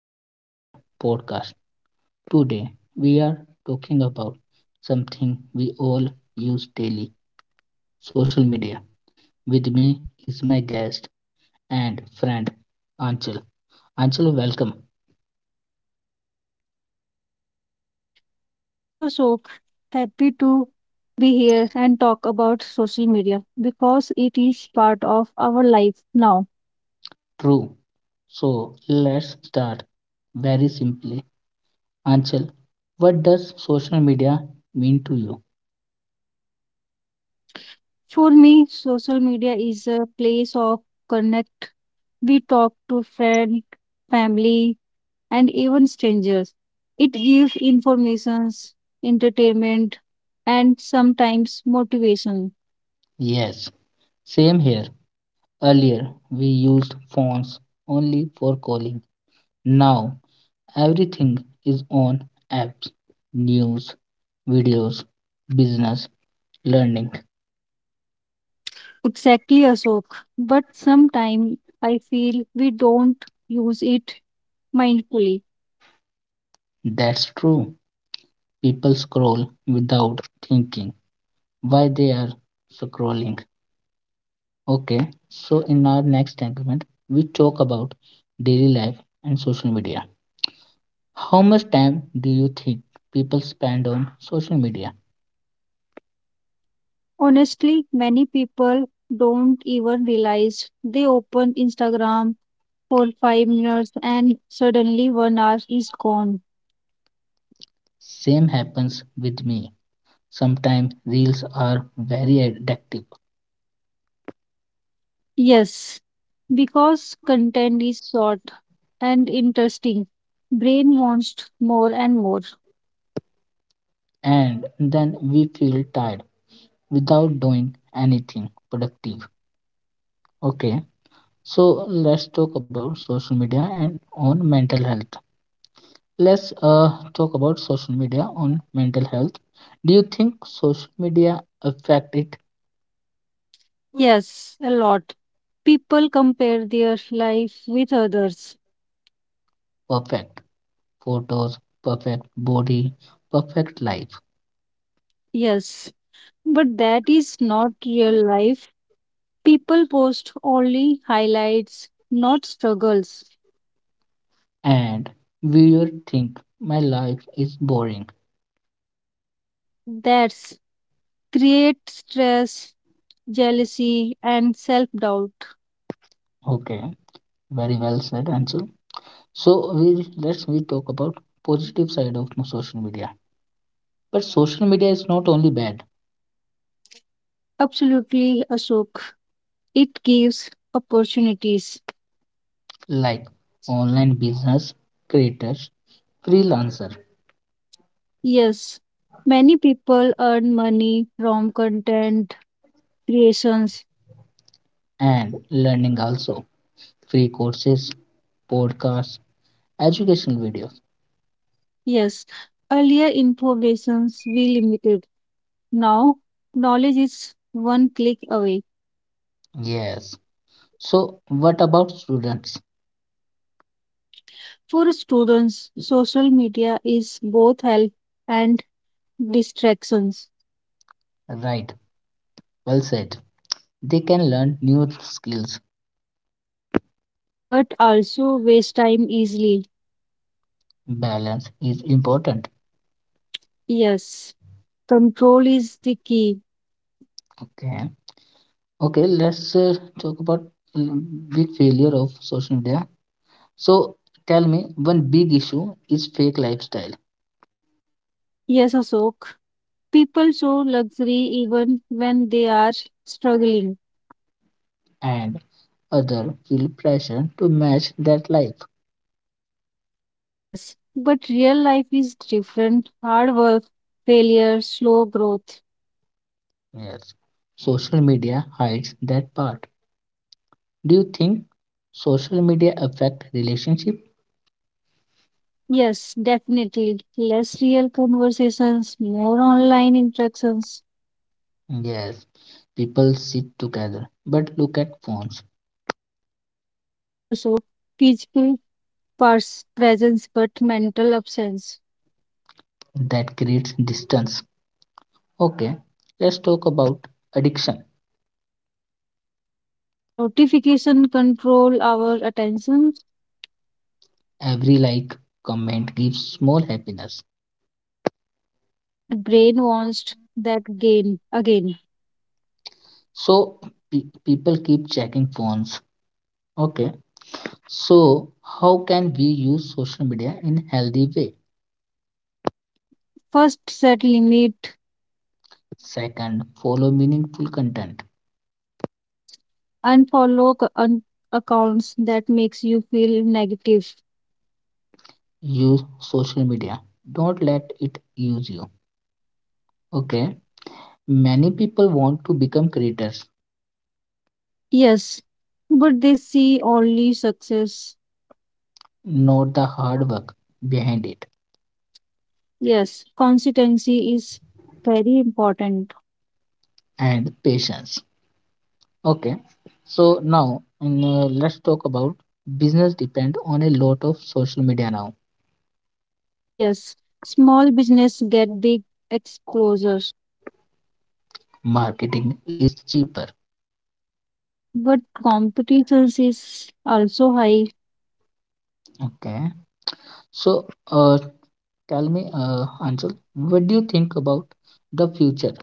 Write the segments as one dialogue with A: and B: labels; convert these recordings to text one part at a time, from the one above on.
A: back to our podcast. Today we are talking about something we all use daily, social media. With me is my guest and friend Anchal. Anchal, welcome.
B: Thank you, Sok. Happy to be here and talk about social media because it is part of our life now.
A: True. So let's start very simply. Anchal, what does social media mean to you?
B: For me, social media is a place of connect. We talk to friends, family, and even strangers. It gives informations, entertainment, and sometimes motivation.
A: Yes, same here. Earlier we used phones only for calling. Now everything is on apps, news, videos, business, learning.
B: Exactly, Ashok. But sometimes I feel we don't use it mindfully.
A: That's true. People scroll without thinking why they are scrolling. Okay, so in our next segment, we talk about daily life and social media. How much time do you think people spend on social media?
B: Honestly, many people don't even realize they open Instagram for 5 minutes and suddenly one hour is gone.
A: Same happens with me. Sometimes reels are very addictive,
B: Yes, because content is short and interesting. Brain wants more and more.
A: and then we feel tired without doing anything productive. Okay, so let's talk about social media and on mental health. Let's talk about social media on mental health. Do you think social media affect it?
B: Yes, a lot. People compare their life with others.
A: Perfect photos, perfect body, perfect life,
B: Yes, but that is not real life. People post only highlights, not struggles.
A: and viewer think my life is boring.
B: That's create stress, jealousy, and self doubt.
A: Okay, very well said, Anshul. So we let's we talk about positive side of social media. But social media is not only bad.
B: Absolutely, Ashok. It gives opportunities.
A: Like online business creators, freelancer,
B: Yes, many people earn money from content creations.
A: and learning also, free courses, podcasts, educational videos.
B: Yes, earlier informations we limited. Now, knowledge is one click away.
A: Yes. So what about students?
B: For students, social media is both help and distractions,
A: Right. Well said. They can learn new skills.
B: but also waste time easily.
A: Balance is important.
B: Yes. Control is the key.
A: Okay. Okay. Let's talk about mm, big failure of social media. So tell me, one big issue is fake lifestyle,
B: Yes, Ashok. People show luxury even when they are struggling.
A: and other feel pressure to match that life.
B: Yes, but real life is different. Hard work, failure, slow growth.
A: Yes. Social media hides that part. Do you think social media affect relationship?
B: Yes, definitely. Less real conversations, more online interactions.
A: Yes. People sit together but look at phones.
B: Yes, Ashok. Physical presence but mental absence.
A: That creates distance. Okay. Let's talk about addiction.
B: Notification control our attention
A: Every like, comment gives small happiness.
B: and brain wants that gain again.
A: So people keep checking phones. Okay. So how can we use social media in healthy way?
B: Mm, First, set limit,
A: Second, follow meaningful content.
B: yes. Unfollow accounts that makes you feel negative,
A: Use social media. Don't let it use you. Okay. Many people want to become creators,
B: yes. But they see only success,
A: not the hard work behind it,
B: yes. Consistency is very important,
A: and patience. Okay. So now let's talk about business, depend on a lot of social media now.
B: yes. Small business get big exposures,
A: Marketing is cheaper.
B: but competition is also high.
A: Okay. So uh, tell me, Anshul, what do you think about the future?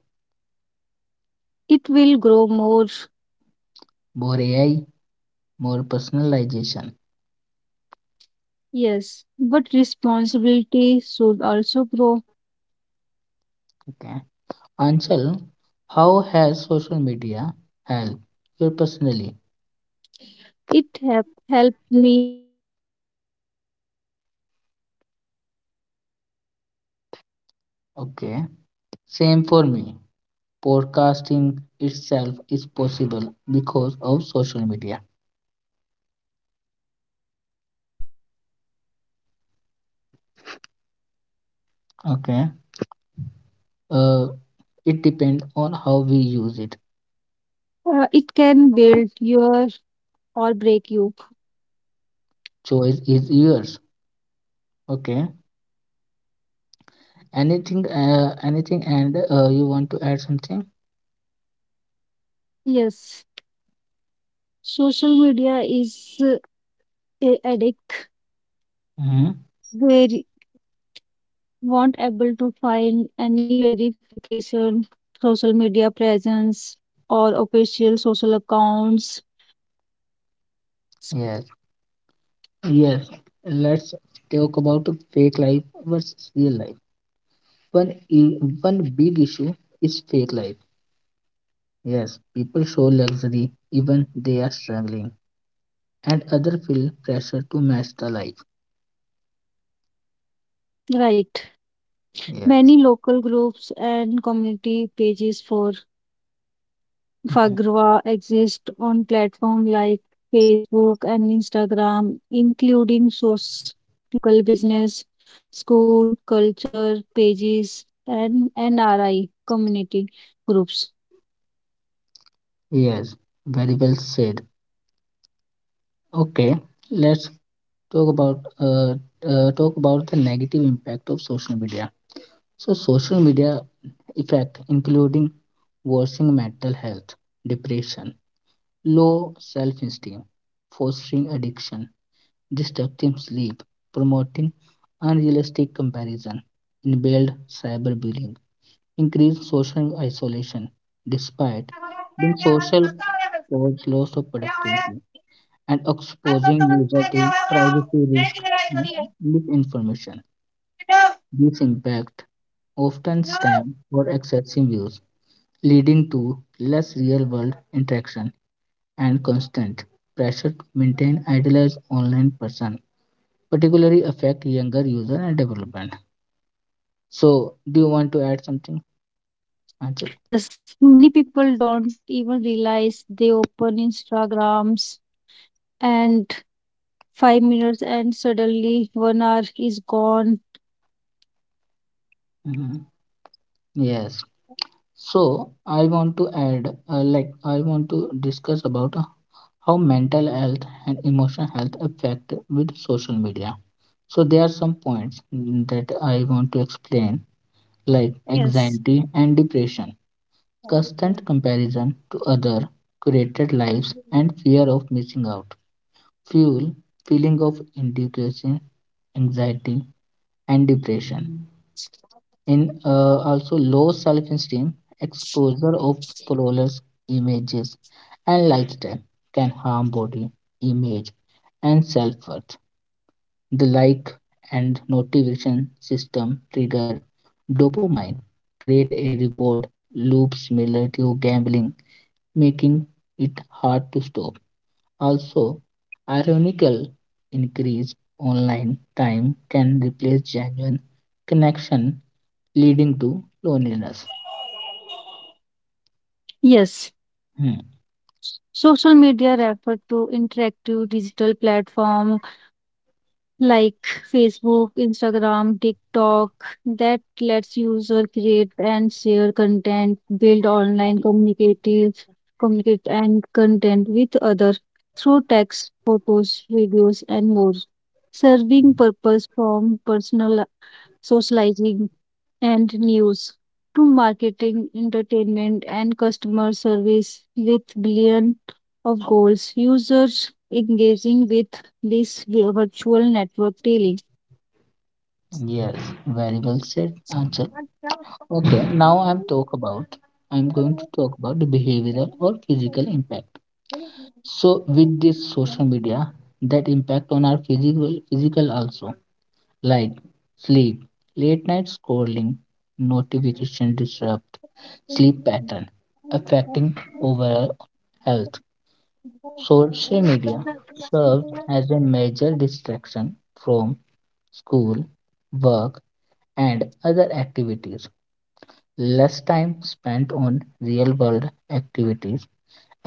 B: It will grow more,
A: More AI, more personalization.
B: yes. But responsibility should also grow.
A: Okay. Anchal, how has social media helped you personally?
B: It have helped me learn content and express idea.
A: Okay, same for me. Podcasting itself is possible because of social media. Okay, uh, it depends on how we use it.
B: It can build your or break you.
A: Choice is yours. Okay, anything, anything, and you want to add something?
B: Yes, social media is a addict.
A: Hmm.
B: They won't able to find any verification, social media presence or official social accounts.
A: Yes, yes. Let's talk about fake life versus real life. One, i- one big issue is fake life. Yes, people show luxury even they are struggling, and other feel pressure to match the life.
B: Right.
A: Yeah.
B: Many local groups and community pages for
A: Mhm.
B: Fagrwa exist on platforms like Facebook and Instagram, including source, local business, school, culture pages, and NRI community groups.
A: Yes, very well said. Okay, let's talk about uh, talk about the negative impact of social media. So social media effect including worsening mental health, depression, low self-esteem, fostering addiction, disrupting sleep, promoting unrealistic comparison, and build cyberbullying, increased social isolation despite being social, cause loss of productivity, and exposing user to privacy risk and misinformation. These impact often stem for excessive use, leading to less real-world interaction and constant pressure to maintain idealized online person, particularly affect younger user and development. So, do you want to add something, Anchal?
B: Yes, many people don't even realize they open Instagrams and 5 minutes and suddenly one hour is gone.
A: Mhm. Yes. So I want to add, like, I want to discuss about how mental health and emotional health affect with social media. So there are some points that I want to explain, like
B: Yes.
A: anxiety and depression, constant comparison to other curated lives, and fear of missing out, fuel feeling of inadequacy, anxiety, and depression. In also low self esteem, exposure of flawless images and lifestyle can harm body image and self worth. The like and notification system trigger dopamine, create a reward loop similar to gambling, making it hard to stop. Also, ironical increase online time can replace genuine connection, leading to loneliness.
B: Yes.
A: Hmm.
B: Social media refer to interactive digital platforms like Facebook, Instagram, TikTok that lets user create and share content, build online communicative communicate and content with others through text, photos, videos and more, serving purpose from personal socializing and news to marketing, entertainment, and customer service with billion of goals. Users engaging with this virtual network daily.
A: Yes, very well said, Anchal. Okay, now I'm going to talk about the behavioral or physical impact. So with this social media, that impact on our physical also, like sleep, late night scrolling, notification disrupt sleep pattern, affecting overall health. Social media serves as a major distraction from school, work, and other activities, less time spent on real world activities,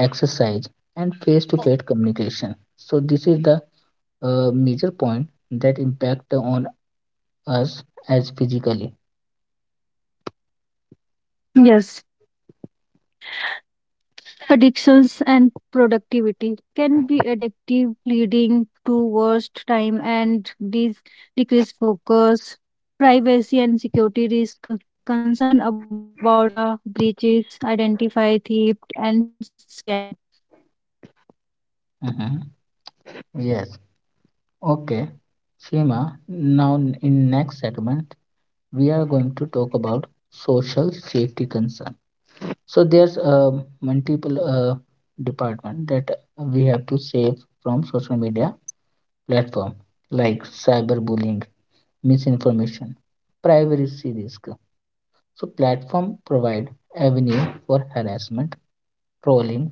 A: exercise, and face to face communication. So, this is the major point that impact on us as physically.
B: Yes, addictions and productivity can be addictive, leading to worst time and decreased focus, privacy and security risk, concern about data breaches, identify theft and scam.
A: Mhm. Yes. Okay. Seema, now in next segment, we are going to talk about social safety concern. So there's a multiple department that we have to save from social media platform, like cyberbullying, misinformation, privacy risk. So platform provide avenue for harassment, trolling,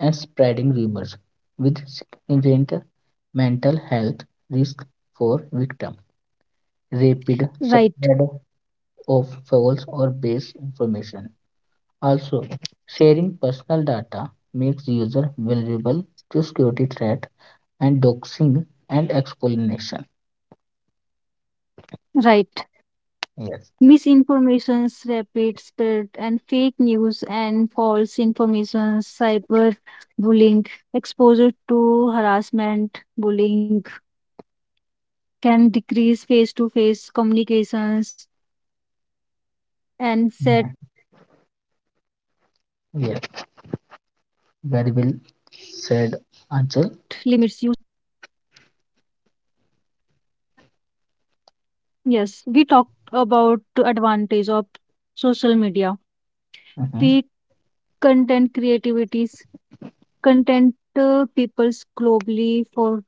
A: and spreading rumors with significant mental health risk for victim. Rapid
B: Right,
A: spread of false or base information. Also, sharing personal data makes user vulnerable to security threat and doxing and explanation.
B: right.
A: Yes.
B: Misinformations, rapid spread, and fake news and false information, cyberbullying, exposure to harassment, bullying can decrease face-to-face communications and set
A: Mhm.
B: limits. Use time tracking
A: Yes.
B: apps or set daily time
A: Very well
B: limit.
A: said, Anchal.
B: Yes, we talked about the advantage of social media.
A: Mhm.
B: Fake content creativities, content peoples globally for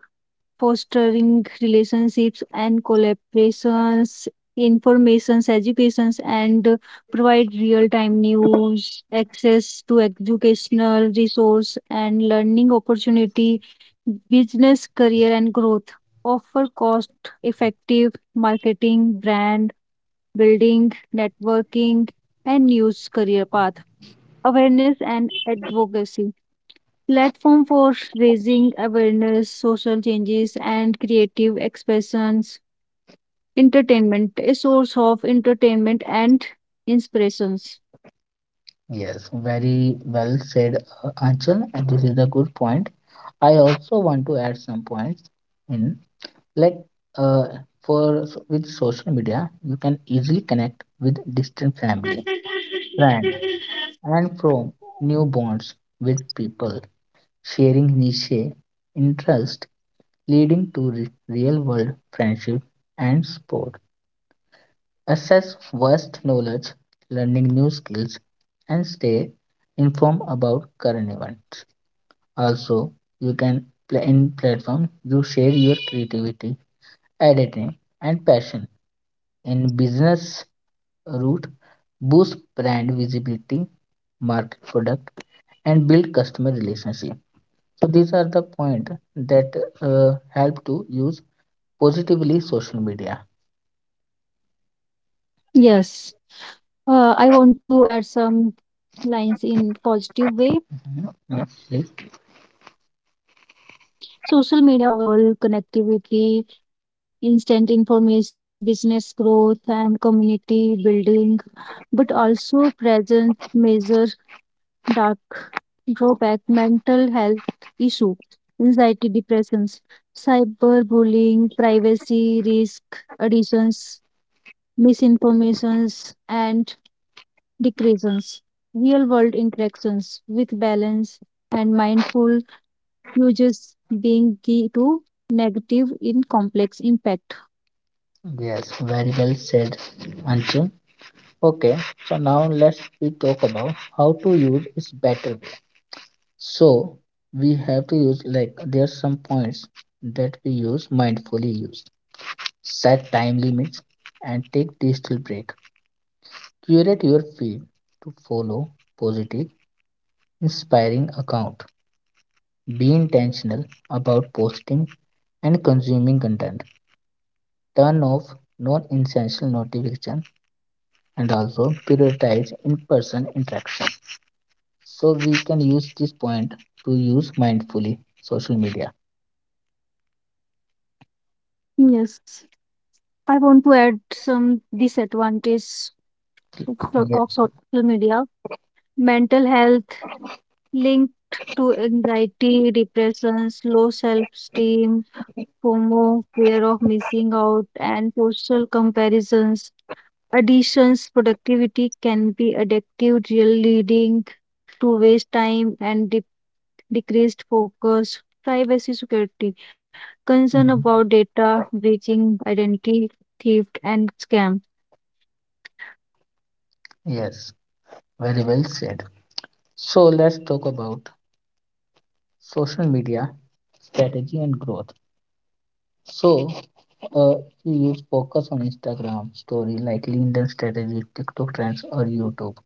B: fostering relationships and collaborations, informations, educations, and provide real-time news, access to educational resource and learning opportunity, business career and growth, offer cost-effective marketing, brand building, networking, and news career path, awareness and advocacy platform for raising awareness, social changes, and creative expressions. Entertainment, a source of entertainment and inspirations.
A: Yes, very well said, Anchal, and this is a good point. I also want to add some points in, like, uh, with social media, you can easily connect with distant family, friends, and from new bonds with people, sharing niche interest, leading to real world friendship and support. Assess vast knowledge, learning new skills, and stay informed about current events. Also, you can play in platform, you share your creativity, editing, and passion. In business route, boost brand visibility, market product, and build customer relationship. So these are the point that help to use positively social media.
B: Yes, I want to add some lines in positive way.
A: Mhm. Yeah.
B: Social media offer both advantage like global connectivity, instant informations, business growth, and community building, but also present measures dark drawback, mental health issue, anxiety, depressions, cyberbullying, privacy risk, additions, misinformations, and decreases. Real world interactions with balance and mindful uses being key to negative in complex impact.
A: Yes, very well said, Anshul. Okay, so now let's we talk about how to use its better way. So we have to use, like there are some points that we use mindfully use. Set time limits and take digital break. Curate your feed to follow positive, inspiring account. Be intentional about posting and consuming content. Turn off non-essential notification and also prioritize in-person interaction. So we can use this point to use mindfully social media.
B: Yes, I want to add some disadvantages of so-
A: Yes.
B: of social media. Mental health linked to anxiety, depressions, low self-esteem, FOMO, fear of missing out, and social comparisons. Additions, productivity can be addictive, real leading to waste time and decreased focus. Privacy security, concern about
A: Mhm.
B: data breaching, identity theft, and scam.
A: Yes, very well said. So let's talk about social media strategy and growth. So uh, you use focus on Instagram story, like LinkedIn strategy, TikTok trends, or YouTube.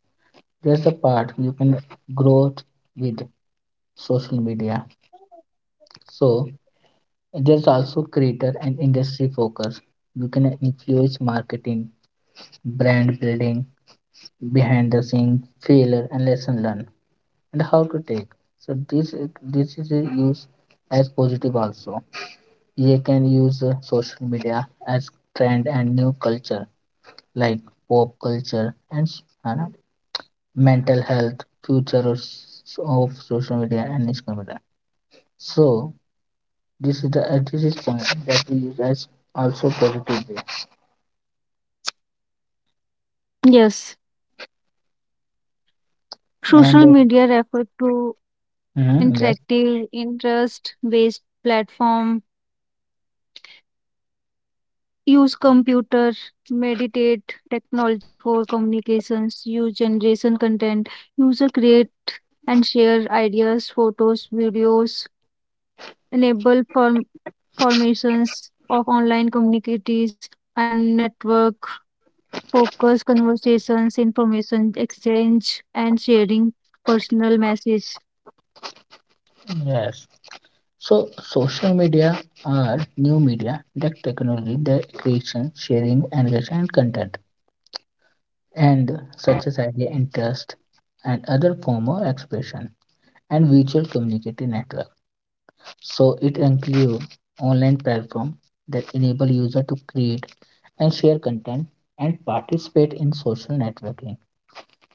A: There's the part you can grow with social media. So there's also creator and industry focus. You can influence marketing, brand building, behind the scene, failure and lesson learned, and how to take. So this is used as positive also. You can use social media as trend and new culture, like pop culture and mental health, future of social media and Instagram media. So this is the this is point that we use as also positive way.
B: Yes,
A: And
B: social media refer to
A: mhm, yes,
B: interactive interest-based platform use computer meditate technology for communications use generation content user create and share ideas photos videos enable formations of online communities and network focus conversations information exchange and sharing personal message
A: yes. So, social media are new media that technology, the creation, sharing, engagement, and recent content, and such as idea, interest, and other form of expression, and virtual community network. So, it includes online platform that enable user to create and share content and participate in social networking.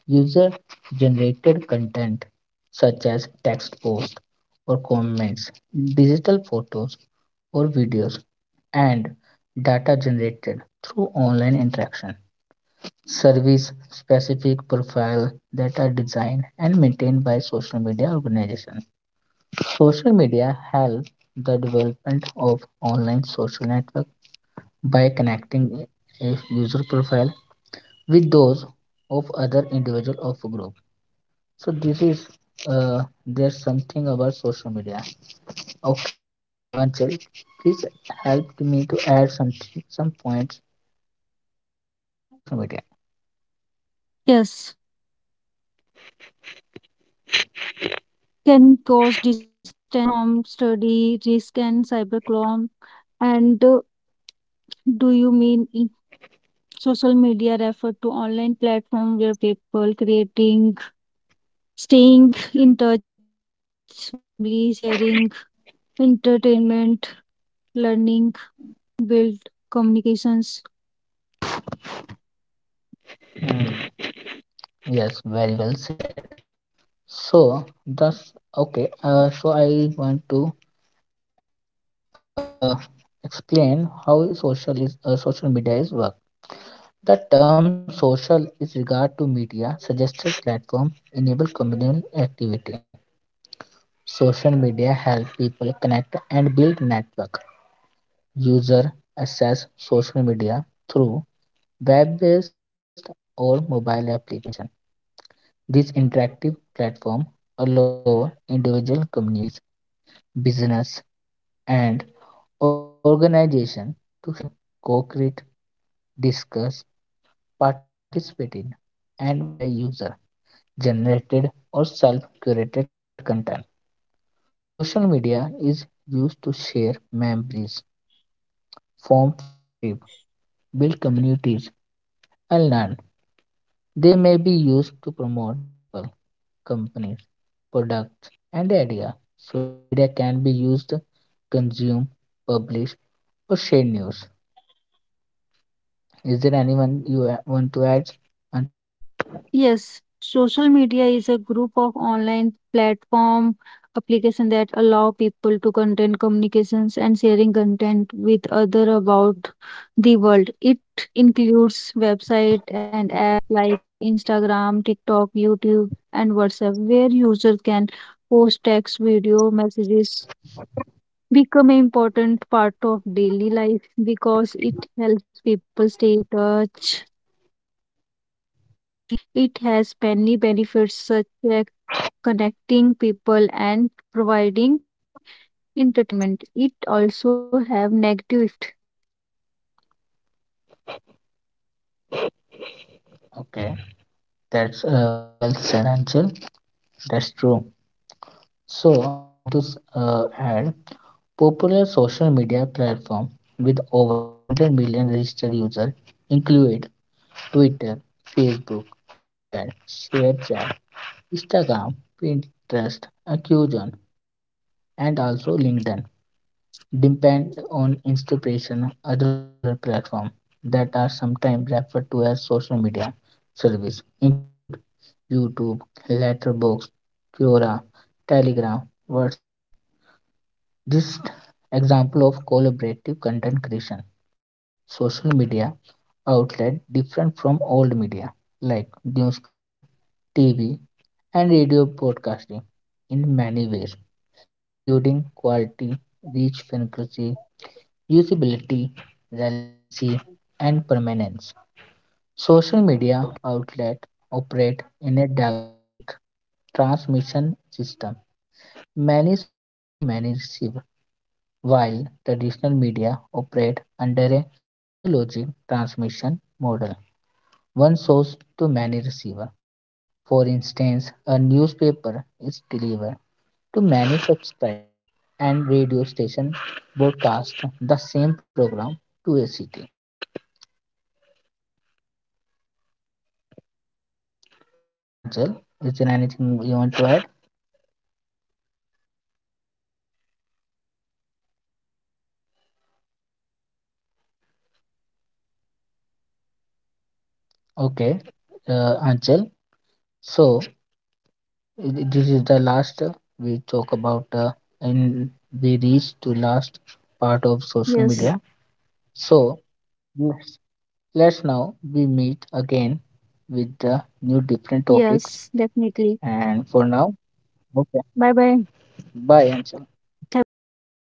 A: User generated content such as text post or comments, digital photos or videos, and data generated through online interaction. Service specific profile that are designed and maintained by social media organizations. Social media helps the development of online social network by connecting a user profile with those of other individual of a group. So this is, there's something about social media. Okay, Anchal, please help me to add some points about social media.
B: yes can cause distance from study risk and cybercrime and do you mean social media refer to online platform where people creating staying in touch with friend and family sharing entertainment learning build communications.
A: Mm, Yes, very well said. So that's okay. So I want to uh, explain how social is, social media is work. The term social is regard to media suggested platform enable communal activity. Social media help people connect and build network. User access social media through web-based or mobile application. This interactive platform allow individual communities, business, and organization to share, co-create, discuss, participate in, and modify user-generated or self-curated content. Social media is used to share memories, form friendship, build communities, and learn. They may be used to promote people, companies, products, and ideas. Social media can be used to consume, publish, or share news. Is there anyone you want to add, Anchal?
B: Yes, social media is a group of online platform application that allow people to content communications and sharing content with other about the world. It includes website and app like Instagram, TikTok, YouTube, and WhatsApp, where users can post text, video, messages, become an important part of daily life because it helps people stay in touch while it has many benefits such as connecting people and providing entertainment, it also have negative effect.
A: Okay, that's very well said, Anchal. That's true. So I want to add popular social media platform with over 100 million registered users include Twitter, Facebook, WeChat, ShareChat, Instagram, Pinterest, Accusion, and also LinkedIn. Depend on inspiration. Other popular platforms that are sometimes referred to as social media service include YouTube, Letterboxd, Quora, Telegram, WhatsApp. This example of collaborative content creation. Social media outlet different from old media like newspaper, TV, and radio broadcasting in many ways, including quality, reach, frequency, usability, relevancy, and permanence. Social media outlets operate in a dialogic transmission system, many source to many receiver, while traditional media operate under a monologic transmission model, one source to many receiver. For instance, a newspaper is delivered to many subscribers and radio station broadcast the same program to a city. Yes, Anchal. Is there anything you want to add?
B: Yes. That's all from my end, Ashok.
A: Okay, Anchal. So this is the last, we talk about, and we reach to last part of social media. So
B: Yes.
A: yes, let's now we meet again with the new different topics. And for now,
B: Yes, definitely.
A: okay, bye, Anchal.
B: Bye bye. Have a good day.